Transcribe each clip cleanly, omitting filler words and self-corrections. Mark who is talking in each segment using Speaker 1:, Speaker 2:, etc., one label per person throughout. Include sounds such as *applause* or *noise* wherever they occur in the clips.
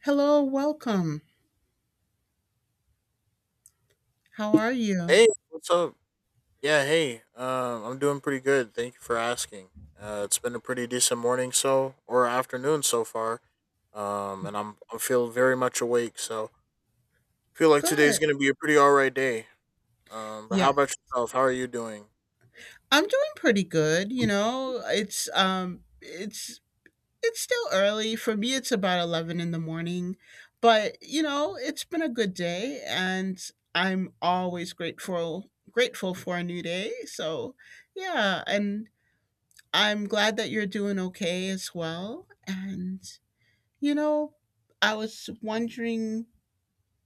Speaker 1: Hello, welcome. How are you?
Speaker 2: Hey, what's up? Yeah, hey. I'm doing pretty good. Thank you for asking. It's been a pretty decent morning so or afternoon so far. And I feel very much awake. So feel like today's
Speaker 1: Good.
Speaker 2: gonna be a pretty all right day. But how
Speaker 1: Yes.
Speaker 2: about yourself? How are you doing?
Speaker 1: I'm doing pretty good, you know. It's it's still early. For me it's about 11 in the morning, but you know, it's been a good day and I'm always grateful for a new day. So, yeah, and I'm glad that you're doing okay as well. And you know, I was wondering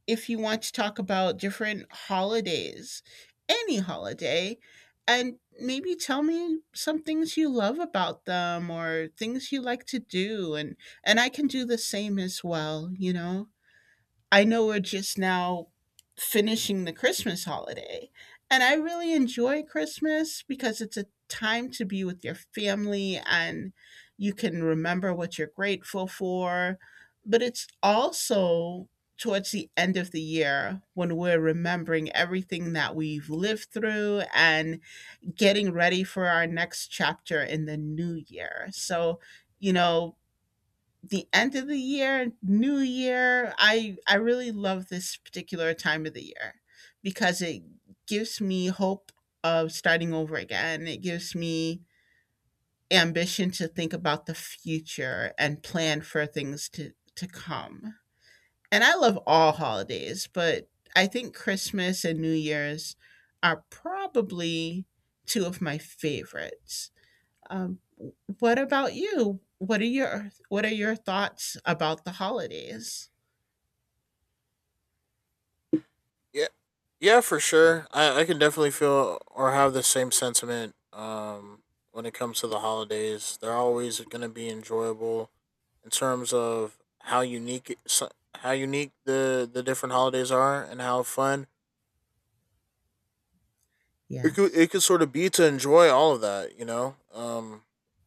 Speaker 1: if you want to talk about different holidays, any holiday, and maybe tell me some things you love about them or things you like to do and I can do the same as well, you know. I know we're just now finishing the Christmas holiday, and I really enjoy Christmas because it's a time to be with your family and you can remember what you're grateful for. But it's also towards the end of the year when we're remembering everything that we've lived through and getting ready for our next chapter in the new year. So, you know, the end of the year, new year. I really love this particular time of the year because it gives me hope of starting over again. It gives me ambition to think about the future and plan for things to come. And I love all holidays, but I think Christmas and New Year's are probably two of my favorites. Um, what about you? What are your thoughts about the holidays?
Speaker 2: Yeah, yeah, for sure. I can definitely feel or have the same sentiment when it comes to the holidays. They're always going to be enjoyable in terms of how unique the different holidays are and how fun it could
Speaker 1: Yes.
Speaker 2: it could sort of be to enjoy all of that, you know.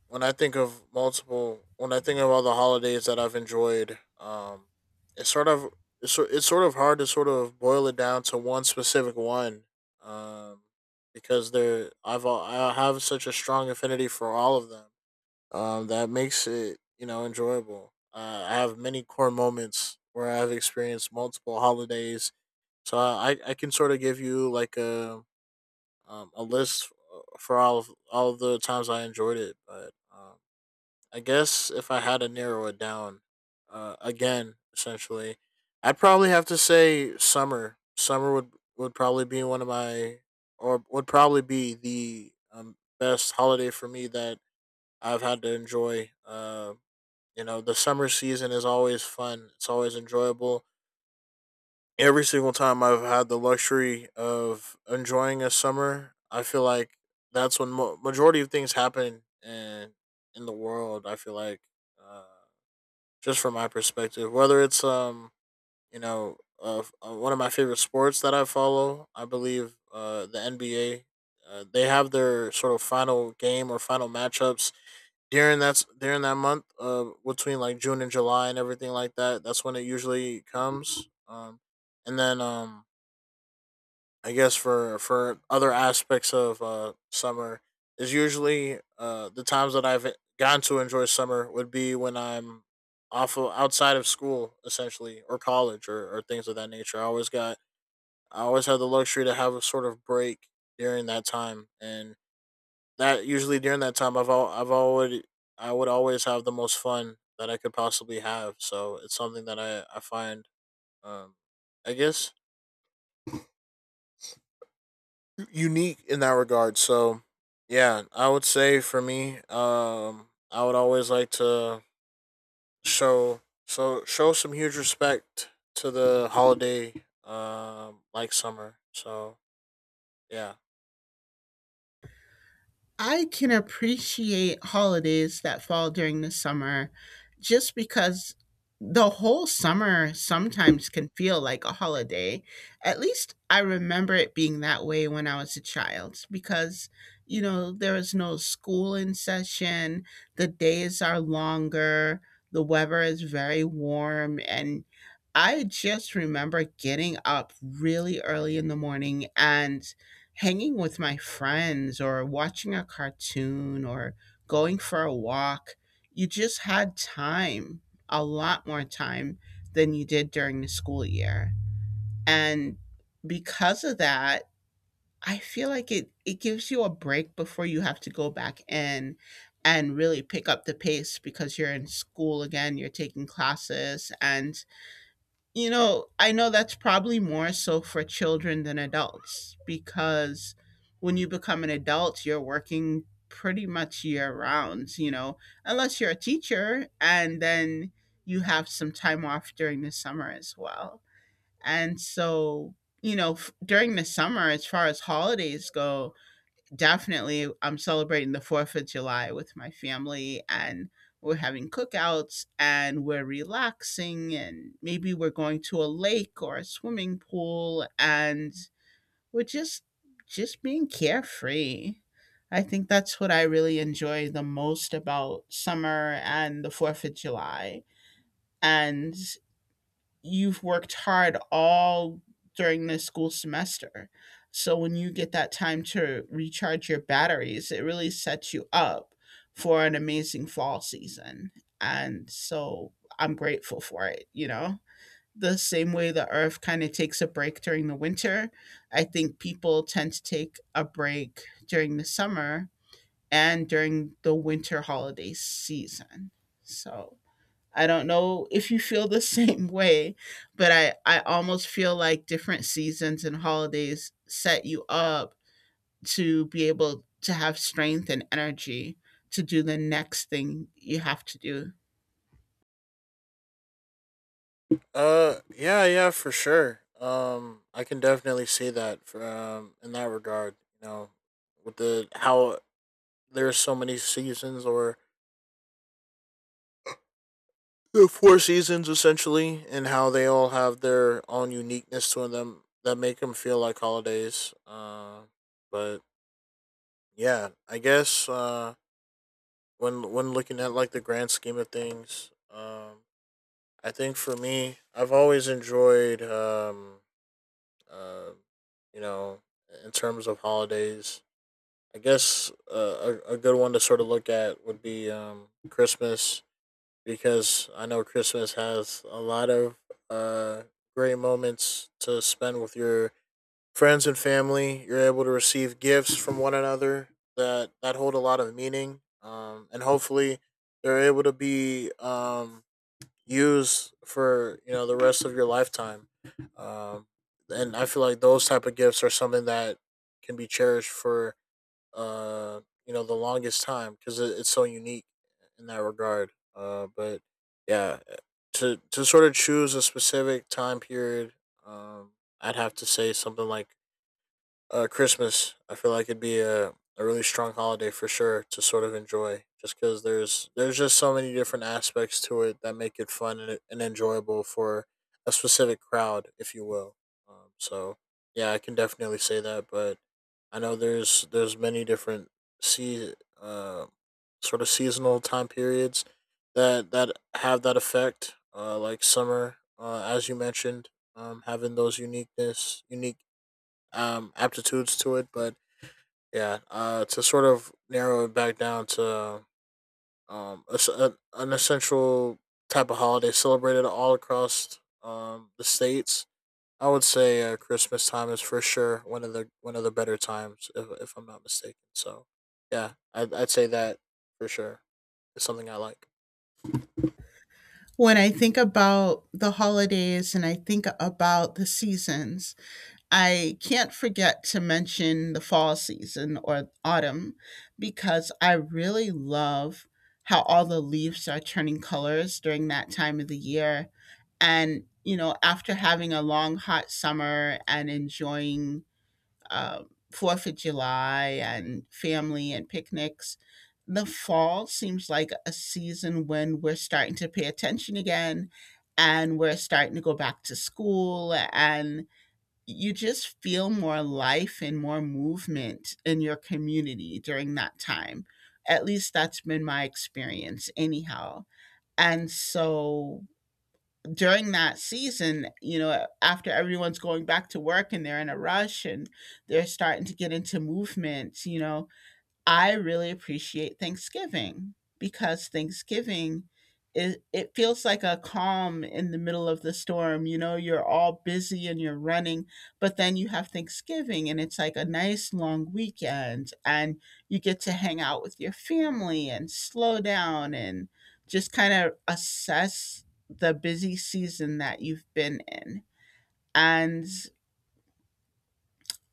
Speaker 2: When I think of all the holidays that I've enjoyed, it's sort of it's sort of hard to sort of boil it down to one specific one, um, because I have such a strong affinity for all of them. That makes it, you know, enjoyable. I have many core moments where I've experienced multiple holidays, so I can sort of give you like a list for all of the times I enjoyed it. But I guess if I had to narrow it down again, essentially, I'd probably have to say summer. Summer would probably be one of my or would probably be the best holiday for me that I've had to enjoy. You know, the summer season is always fun. It's always enjoyable every single time I've had the luxury of enjoying a summer. I feel like that's when majority of things happen in the world. I feel like uh, just from my perspective, whether it's you know, one of my favorite sports that I follow. I believe the NBA. They have their sort of final game or final matchups during that month, between like June and July and everything like that. That's when it usually comes. And then I guess for other aspects of summer is usually the times that I've gotten to enjoy summer would be when I'm outside of school essentially or college or things of that nature. I always had the luxury to have a sort of break during that time, and that usually during that time I've already I would always have the most fun that I could possibly have. So it's something that I find um, I guess unique in that regard. So, yeah, I would say for me, I would always like to show show some huge respect to the holiday, like summer. So yeah,
Speaker 1: I can appreciate holidays that fall during the summer just because the whole summer sometimes can feel like a holiday. At least I remember it being that way when I was a child because, you know, there was no school in session, the days are longer, the weather is very warm, and I just remember getting up really early in the morning and hanging with my friends or watching a cartoon or going for a walk. You just had time, a lot more time than you did during the school year. And because of that, I feel like it gives you a break before you have to go back in and really pick up the pace because you're in school again, you're taking classes. And you know, I know that's probably more so for children than adults because when you become an adult, you're working pretty much year round, you know, unless you're a teacher and then you have some time off during the summer as well. And so, you know, during the summer, as far as holidays go, definitely, I'm celebrating the 4th of July with my family and we're having cookouts and we're relaxing and maybe we're going to a lake or a swimming pool and we're just being carefree. I think that's what I really enjoy the most about summer and the 4th of July. And you've worked hard all during the school semester. So when you get that time to recharge your batteries, it really sets you up for an amazing fall season. And so I'm grateful for it, you know? The same way the earth kind of takes a break during the winter, I think people tend to take a break during the summer and during the winter holiday season. So I don't know if you feel the *laughs* same way, but I almost feel like different seasons and holidays set you up to be able to have strength and energy to do the next thing you have to do.
Speaker 2: yeah, yeah, for sure. I can definitely see that from in that regard. You know, with the how there's so many seasons or the four seasons essentially and how they all have their own uniqueness to them that make them feel like holidays but yeah, when looking at like the grand scheme of things, I think for me I've always enjoyed uh, you know, in terms of holidays, I guess a good one to sort of look at would be Christmas, because I know Christmas has a lot of uh, great moments to spend with your friends and family. You're able to receive gifts from one another that hold a lot of meaning, and hopefully they're able to be used for, you know, the rest of your lifetime. Um, and I feel like those type of gifts are something that can be cherished for uh, you know, the longest time, because it's so unique in that regard. But yeah, to sort of choose a specific time period, um, I'd have to say something like Christmas. I feel like it'd be a really strong holiday for sure to sort of enjoy, just because there's just so many different aspects to it that make it fun and enjoyable for a specific crowd, if you will. So yeah, I can definitely say that, but I know there's many different sea uh, sort of seasonal time periods that have that effect, like summer, as you mentioned, having those unique aptitudes to it. But yeah, to sort of narrow it back down to a s a an essential type of holiday celebrated all across the states. I would say Christmas time is for sure one of the better times, if I'm not mistaken. So, yeah, I'd say that for sure is something I like.
Speaker 1: When I think about the holidays and I think about the seasons, I can't forget to mention the fall season or autumn because I really love how all the leaves are turning colors during that time of the year. And, you know, after having a long, hot summer and enjoying um 4th of July and family and picnics, the fall seems like a season when we're starting to pay attention again and we're starting to go back to school and you just feel more life and more movement in your community during that time. At least that's been my experience, anyhow. And so during that season, you know, after everyone's going back to work and they're in a rush and they're starting to get into movement, you know, I really appreciate Thanksgiving because Thanksgiving it feels like a calm in the middle of the storm. You know, you're all busy and you're running, but then you have Thanksgiving and it's like a nice long weekend and you get to hang out with your family and slow down and just kind of assess the busy season that you've been in. And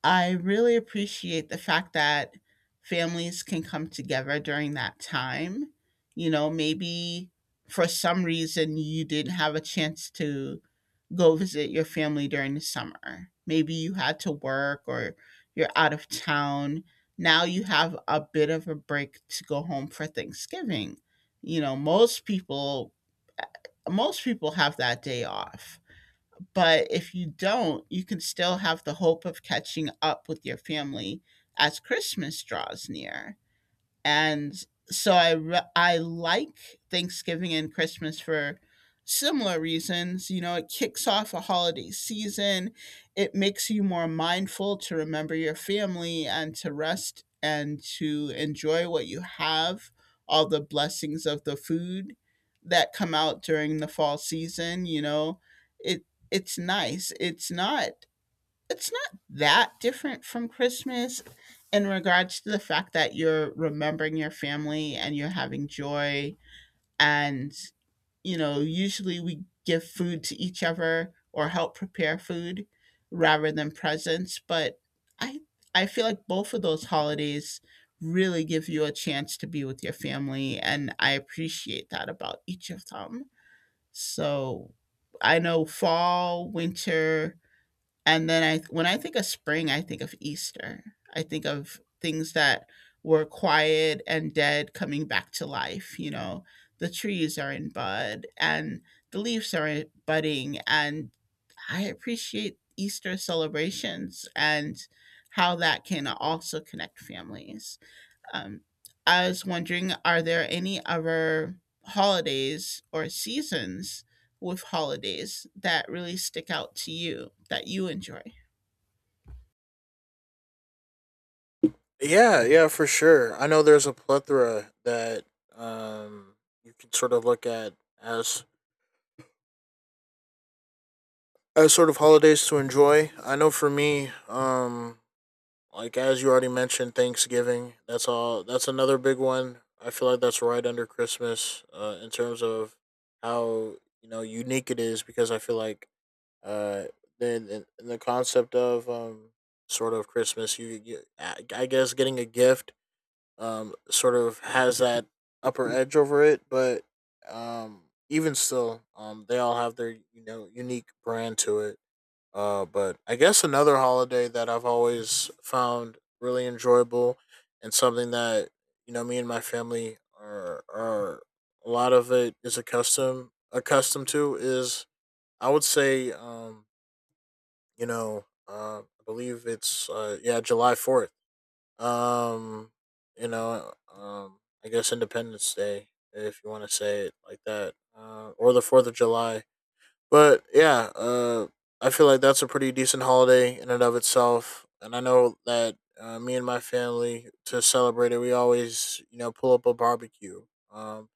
Speaker 1: I really appreciate the fact that families can come together during that time. You know, maybe for some reason you didn't have a chance to go visit your family during the summer. Maybe you had to work or you're out of town. Now you have a bit of a break to go home for Thanksgiving. You know, most people eh, most people have that day off. But if you don't, you can still have the hope of catching up with your family as Christmas draws near and so I like Thanksgiving and Christmas for similar reasons. You know, it kicks off a holiday season. It makes you more mindful to remember your family and to rest and to enjoy what you have, all the blessings of the food that come out during the fall season, you know. It it's nice. It's not that different from Christmas in regards to the fact that you're remembering your family and you're having joy. And, you know, usually we give food to each other or help prepare food rather than presents. But I, I feel like both of those holidays really give you a chance to be with your family. And I appreciate that about each of them. So I know fall, winter, and then I when I think of spring, I think of Easter. I think of things that were quiet and dead coming back to life, you know. The trees are in bud and the leaves are budding and I appreciate Easter celebrations and how that can also connect families. Um, I was wondering, are there any other holidays or seasons with holidays that really stick out to you that you enjoy?
Speaker 2: Yeah, yeah, for sure. I know there's a plethora that um, you can sort of look at as as sort of holidays to enjoy. I know for me, like as you already mentioned, Thanksgiving. That's all. That's another big one. I feel like that's right under Christmas, in terms of how, you know, unique it is. Because I feel like uh, then in the concept of sort of Christmas, you I guess getting a gift sort of has that upper edge over it, but um even still, they all have their, you know, unique brand to it, but I guess another holiday that I've always found really enjoyable and something that, you know, me and my family are a lot of it is accustomed to is I would say I believe it's yeah, July 4th, um I guess Independence Day if you want to say it like that, or the 4th of July. But yeah, I feel like that's a pretty decent holiday in and of itself. And I know that me and my family, to celebrate it, we always, you know, pull up a barbecue. Um,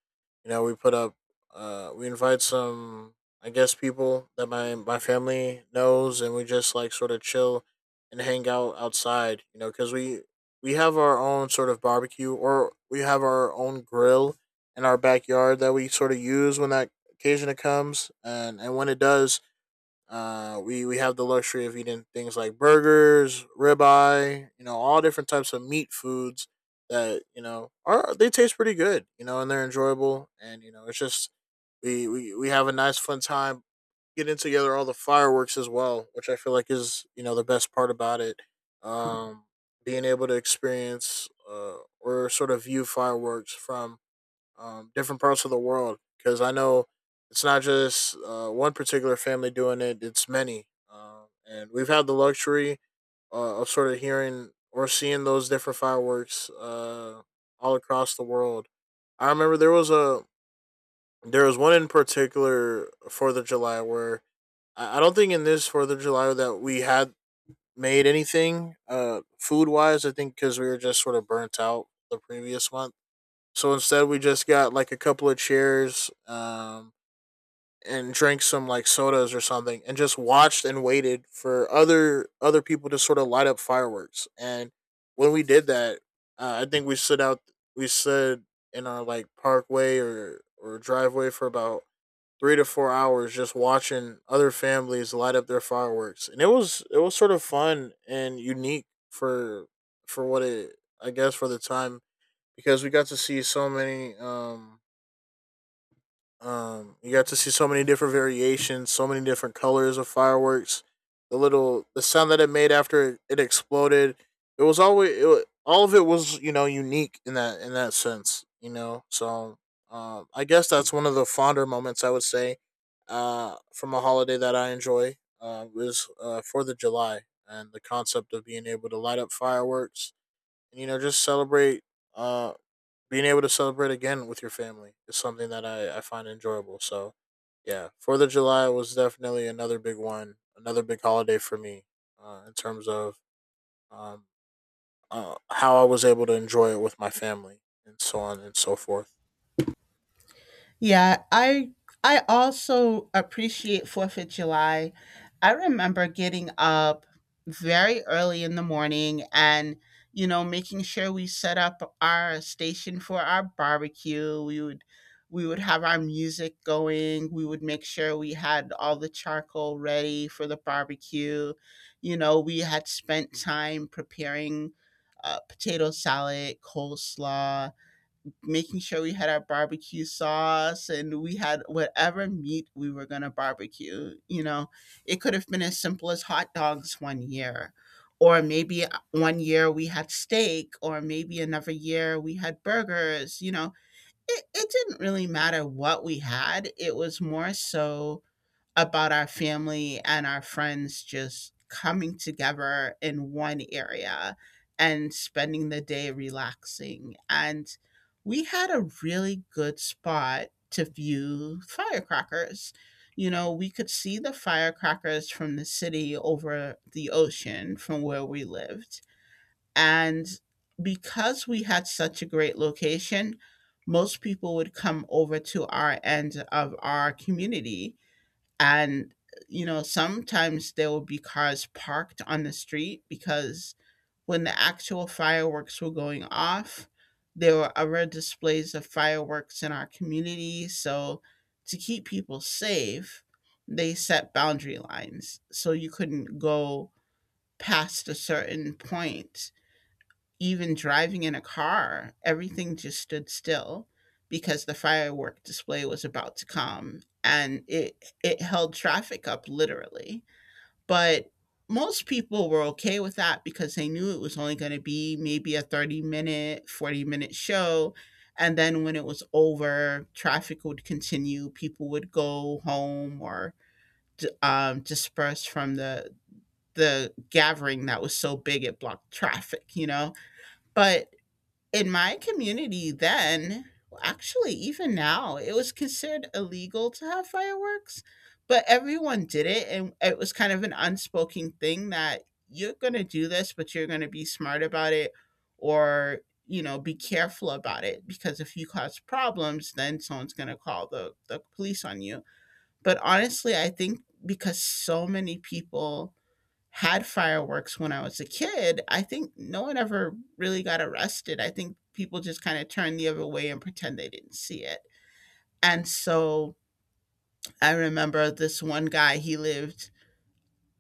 Speaker 2: you know, we invite some, I guess, people that my family knows, and we just like sort of chill and hang out outside. You know, because we have our own sort of barbecue, or we have our own grill in our backyard that we sort of use when that occasion it comes, and when it does, we have the luxury of eating things like burgers, ribeye, you know, all different types of meat foods that, you know, are they taste pretty good, you know, and they're enjoyable, and you know, it's just we have a nice fun time getting together all the fireworks as well, which I feel like is, you know, the best part about it. Um, Being able to experience or sort of view fireworks from different parts of the world, because I know it's not just one particular family doing it; it's many, and we've had the luxury of sort of hearing or seeing those different fireworks all across the world. I remember there was one in particular 4th of July where I don't think in this 4th of July that we had made anything food wise. I think because we were just sort of burnt out the previous month, so instead, we just got like a couple of chairs and drank some like sodas or something, and just watched and waited for other people to sort of light up fireworks. And when we did that, I think we stood out. We stood in our like parkway or driveway for about 3 to 4 hours, just watching other families light up their fireworks, and it was sort of fun and unique for what it I guess for the time, because we got to see so many you got to see so many different variations, so many different colors of fireworks. The sound that it made after it exploded, it was always it, all of it was, you know, unique in that sense, you know. So I guess that's one of the fonder moments, I would say, from a holiday that I enjoy, was 4th of July, and the concept of being able to light up fireworks and, you know, just celebrate uh, being able to celebrate again with your family is something that I find enjoyable. So, yeah, 4th of July was definitely another big one, another big holiday for me in terms of um, how I was able to enjoy it with my family and so on and so forth.
Speaker 1: Yeah, I also appreciate 4th of July. I remember getting up very early in the morning and you know making sure we set up our station for our barbecue. We would have our music going. We would make sure we had all the charcoal ready for the barbecue. You know, we had spent time preparing potato salad, coleslaw, making sure we had our barbecue sauce and we had whatever meat we were going to barbecue. You know, it could have been as simple as hot dogs one year, or maybe one year we had steak, or maybe another year we had burgers. You know, it didn't really matter what we had, it was more so about our family and our friends just coming together in one area and spending the day relaxing. And we had a really good spot to view firecrackers. You know, we could see the firecrackers from the city over the ocean from where we lived. And because we had such a great location, most people would come over to our end of our community and you know sometimes there will be cars parked on the street because when the actual fireworks were going off there were other displays of fireworks in our community so to keep people safe they set boundary lines so you couldn't go past a certain point even driving in a car, everything just stood still because the firework display was about to come and it held traffic up literally. But most people were okay with that because they knew it was only going to be maybe a 30 minute, 40-minute show. And then when it was over, traffic would continue. People would go home or disperse from the gathering that was so big it blocked traffic, you know. But in my community then, well, actually, even now, it was considered illegal to have fireworks, but everyone did it. And it was kind of an unspoken thing that you're going to do this, but you're going to be smart about it or, you know, be careful about it because if you cause problems, then someone's going to call the police on you. But honestly, I think because so many people had fireworks when I was a kid, I think no one ever really got arrested. I think people just kind of turned the other way and pretend they didn't see it. And so I remember this one guy, he lived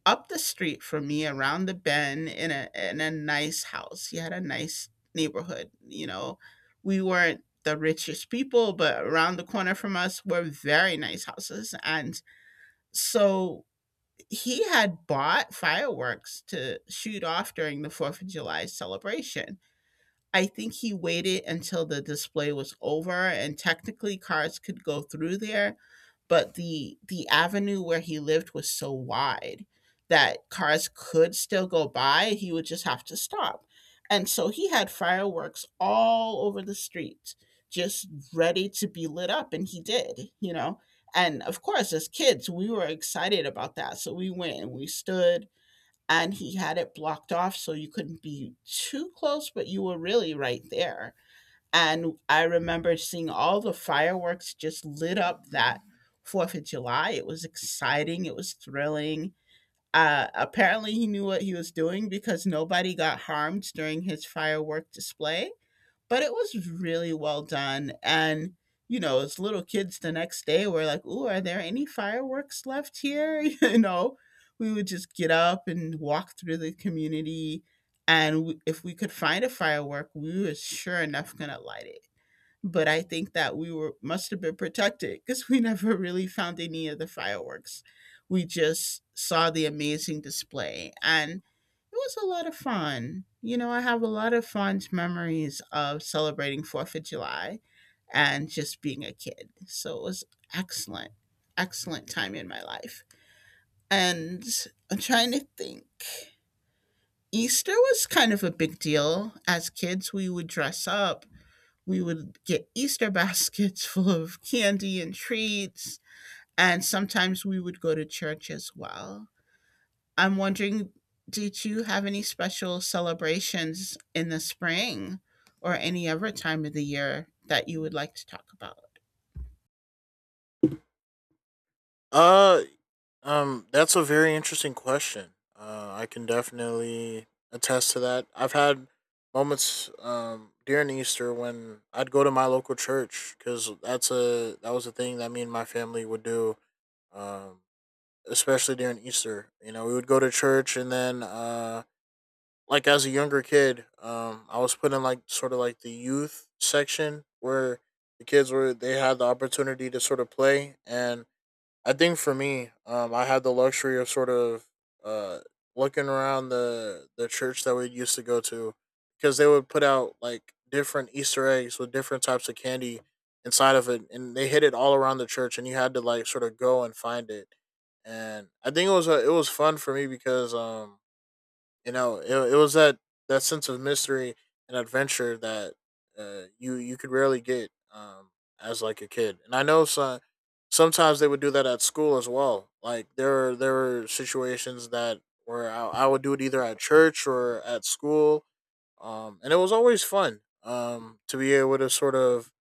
Speaker 1: up the street from me around the bend in a nice house. He had a nice neighborhood, you know. We weren't the richest people, but around the corner from us were very nice houses. And so he had bought fireworks to shoot off during the Fourth of July celebration. I think he waited until the display was over and technically cars could go through there, but the avenue where he lived was so wide that cars could still go by, he would just have to stop. And so he had fireworks all over the street just ready to be lit up and he did, you know. And of course as kids we were excited about that. So we went and we stood and he had it blocked off so you couldn't be too close, but you were really right there. And I remember seeing all the fireworks just lit up that Fourth of July. It was exciting. It was thrilling. Apparently, he knew what he was doing because nobody got harmed during his firework display. But it was really well done. And as little kids the next day were like, "Ooh, are there any fireworks left here?" *laughs* We would just get up and walk through the community. And if we could find a firework, we were sure enough going to light it, but I think that we were must have been protected because we *laughs* never really found any of the fireworks. We just saw the amazing display, and it was a lot of fun. You know, I have a lot of fond memories of celebrating Fourth of July and just being a kid. So it was excellent, excellent time in my life. And I'm trying to think. Easter was kind of a big deal. As kids, we would dress up, we would get Easter baskets *laughs* full of candy and treats, and sometimes we would go to church as well. I'm wondering, did you have any special celebrations in the spring or any other time of the year that you would like to talk about?
Speaker 2: Uh, that's a very interesting question. I can definitely attest to that. I've had moments during Easter when I'd go to my local church because that was a thing that me and my family would do um, especially during Easter. You know, we would go to church, and then like as a younger kid, I was put in like sort of like the youth section where the kids were they had the opportunity to sort of play, and I think for me, I had the luxury of sort of uh looking around the church that we used to go to because they would put out like different Easter eggs with different types of candy inside of it, and they hid it all around the church, and you had to like sort of go and find it. And I think it was fun for me because you know it was that sense of mystery and adventure that you could rarely get as like a kid, and I know sometimes they would do that at school as well. Like there were situations that where I would do it either at church or at school. Um, and it was always fun to be able to sort of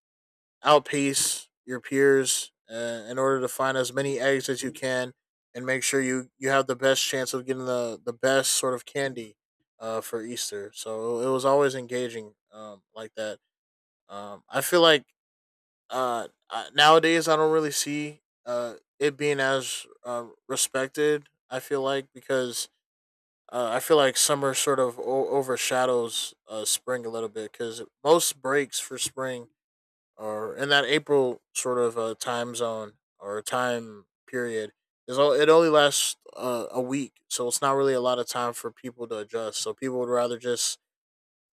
Speaker 2: outpace your peers in order to find as many eggs as you can, and make sure you have the best chance of getting the best sort of candy for Easter. So it was always engaging like that. I feel like uh, nowadays I don't really see it being as respected. I feel like because I feel like summer sort of overshadows spring a little bit, because most breaks for spring or in that April sort of time zone or time period is all it only lasts a week, so it's not really a lot of time for people to adjust. So people would rather just,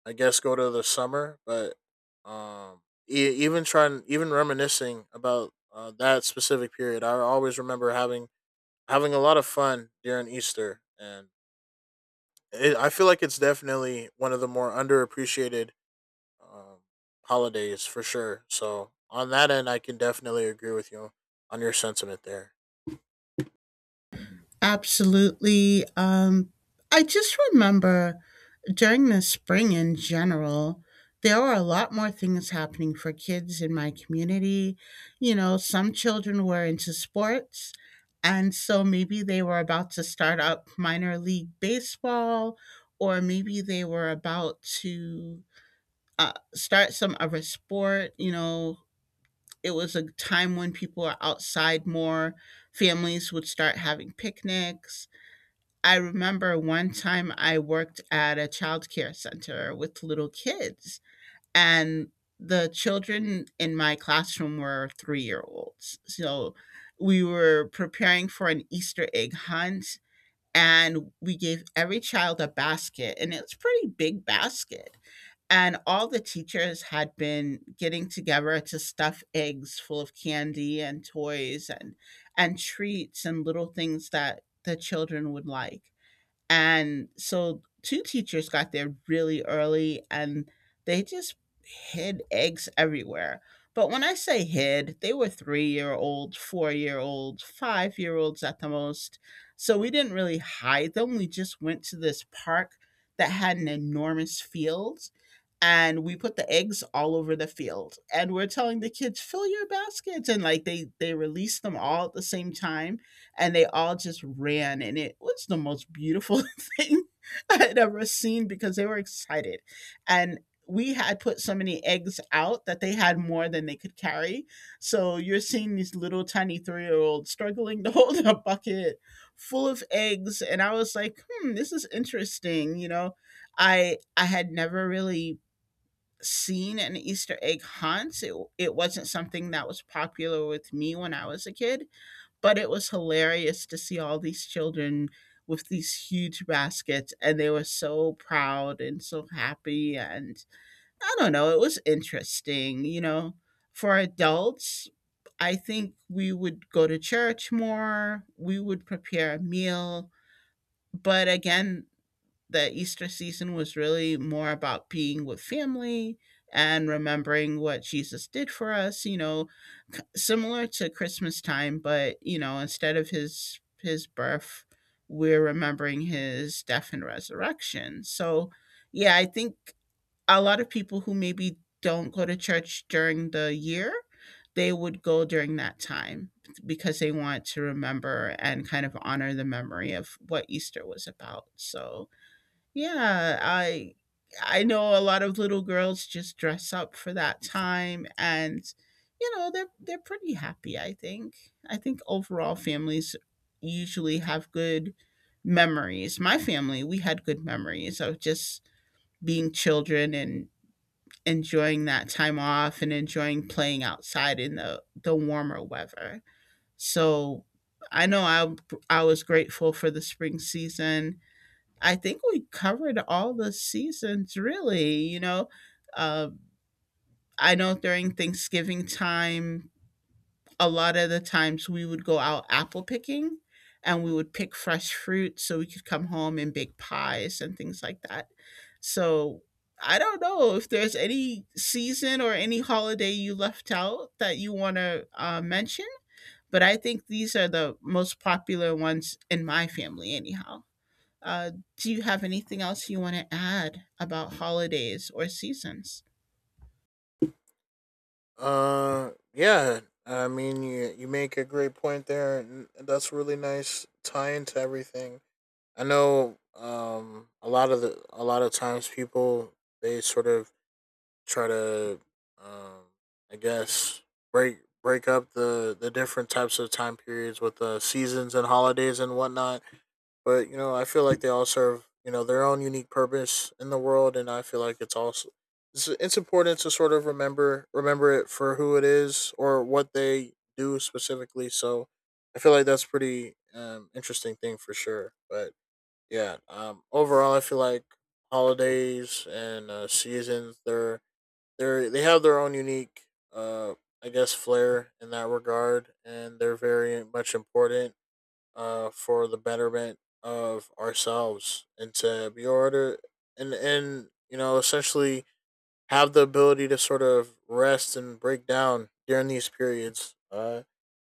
Speaker 2: I guess, go to the summer. But um, even reminiscing about that specific period, I always remember having a lot of fun during Easter, and I feel like it's definitely one of the more underappreciated um, holidays for sure. So on that end, I can definitely agree with you on your sentiment there.
Speaker 1: Absolutely. I just remember during the spring in general, there were a lot more things happening for kids in my community. You know, some children were into sports, and so maybe they were about to start up minor league baseball, or maybe they were about to start some other sport. You know, it was a time when people were outside more, families would start having picnics. I remember one time I worked at a childcare center with little kids, and the children in my classroom were 3-year olds. So we were preparing for an Easter egg hunt, and we gave every child a basket, and it's a pretty big basket. And all the teachers had been getting together to stuff eggs full of candy and toys and treats and little things that the children would like. And so 2 teachers got there really early and they just hid eggs everywhere. But when I say hid, they were 3-year-old, 4-year-old, 5-year-olds at the most. So we didn't really hide them. We just went to this park that had an enormous field, and we put the eggs all over the field, and we're telling the kids fill your baskets, and like they released them all at the same time, and they all just ran, and it was the most beautiful *laughs* thing I had ever seen because they were excited. And we had put so many eggs out that they had more than they could carry, so you're seeing these little tiny three-year-olds struggling to *laughs* hold a bucket full of eggs, and I was like, hmm, this is interesting, you know. I had never really seen an Easter egg hunt. It wasn't something that was popular with me when I was a kid, but it was hilarious to see all these children with these huge baskets, and they were so proud and so happy. And I don't know, it was interesting. You know, for adults, I think we would go to church more, we would prepare a meal. But again, the Easter season was really more about being with family and remembering what Jesus did for us. You know, similar to Christmas time, but you know, instead of his birth, we're remembering his death and resurrection. So, yeah, I think a lot of people who maybe don't go to church during the year, they would go during that time because they want to remember and kind of honor the memory of what Easter was about. So, yeah, I know a lot of little girls just dress up for that time, and you know, they're pretty happy, I think. I think overall families usually have good memories. My family, we had good memories of just being children and enjoying that time off and enjoying playing outside in the warmer weather. So, I know I was grateful for the spring season. I think we covered all the seasons really, you know. Uh, I know during Thanksgiving time, a lot of the times we would go out apple picking, and we would pick fresh fruit so we could come home and bake pies and things like that. So I don't know if there's any season or any holiday you left out that you want to mention, but I think these are the most popular ones in my family, anyhow. Uh, do you have anything else you want to add about holidays or seasons?
Speaker 2: Yeah, I mean you make a great point there, and that's really nice tie into everything. I know a lot of times people they sort of try to um I guess break up the different types of time periods with the seasons and holidays and whatnot. But you know, I feel like they all serve, you know, their own unique purpose in the world, and I feel like it's also it's important to sort of remember it for who it is or what they do specifically. So I feel like that's pretty interesting thing for sure. But yeah, overall, I feel like holidays and seasons, they have their own unique uh I guess flair in that regard, and they're very much important for the betterment of ourselves and to be order, and you know, essentially have the ability to sort of rest and break down during these periods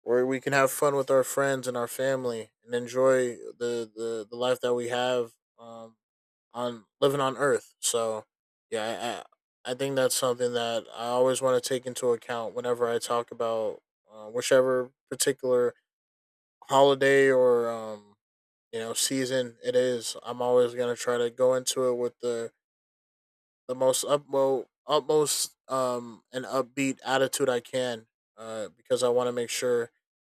Speaker 2: where we can have fun with our friends and our family and enjoy the life that we have um, on living on earth. So yeah, I think that's something that I always want to take into account whenever I talk about whichever particular holiday or you know, season it is. I'm always going to try to go into it with the most upmo utmost and upbeat attitude I can, because I want to make sure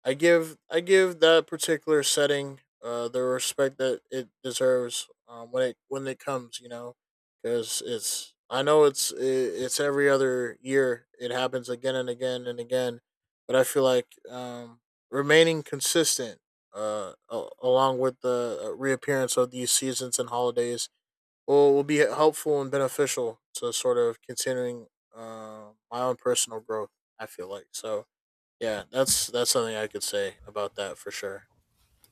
Speaker 2: I give that particular setting the respect that it deserves when it comes, you know, because it's I know it's every other year it happens again and again and again, but I feel like remaining consistent along with the reappearance of these seasons and holidays will be helpful and beneficial to sort of continuing my own personal growth. I feel like so. Yeah, that's something I could say about that for sure.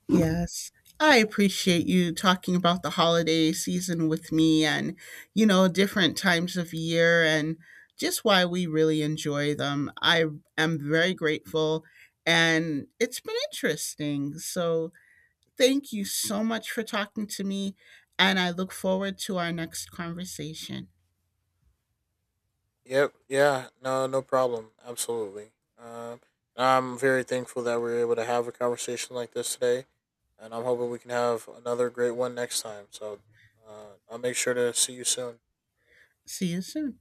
Speaker 1: Yes. I appreciate you talking about the holiday season with me and, you know, different times of year and just why we really enjoy them. I am very grateful and it's been interesting. So, thank you so much for talking to me, and I look forward to our next conversation.
Speaker 2: Yep. Yeah. No. No problem. Absolutely. I'm very thankful that we are able to have a conversation like this today, and I'm hoping we can have another great one next time. So, I'll make sure to see you soon.
Speaker 1: See you soon.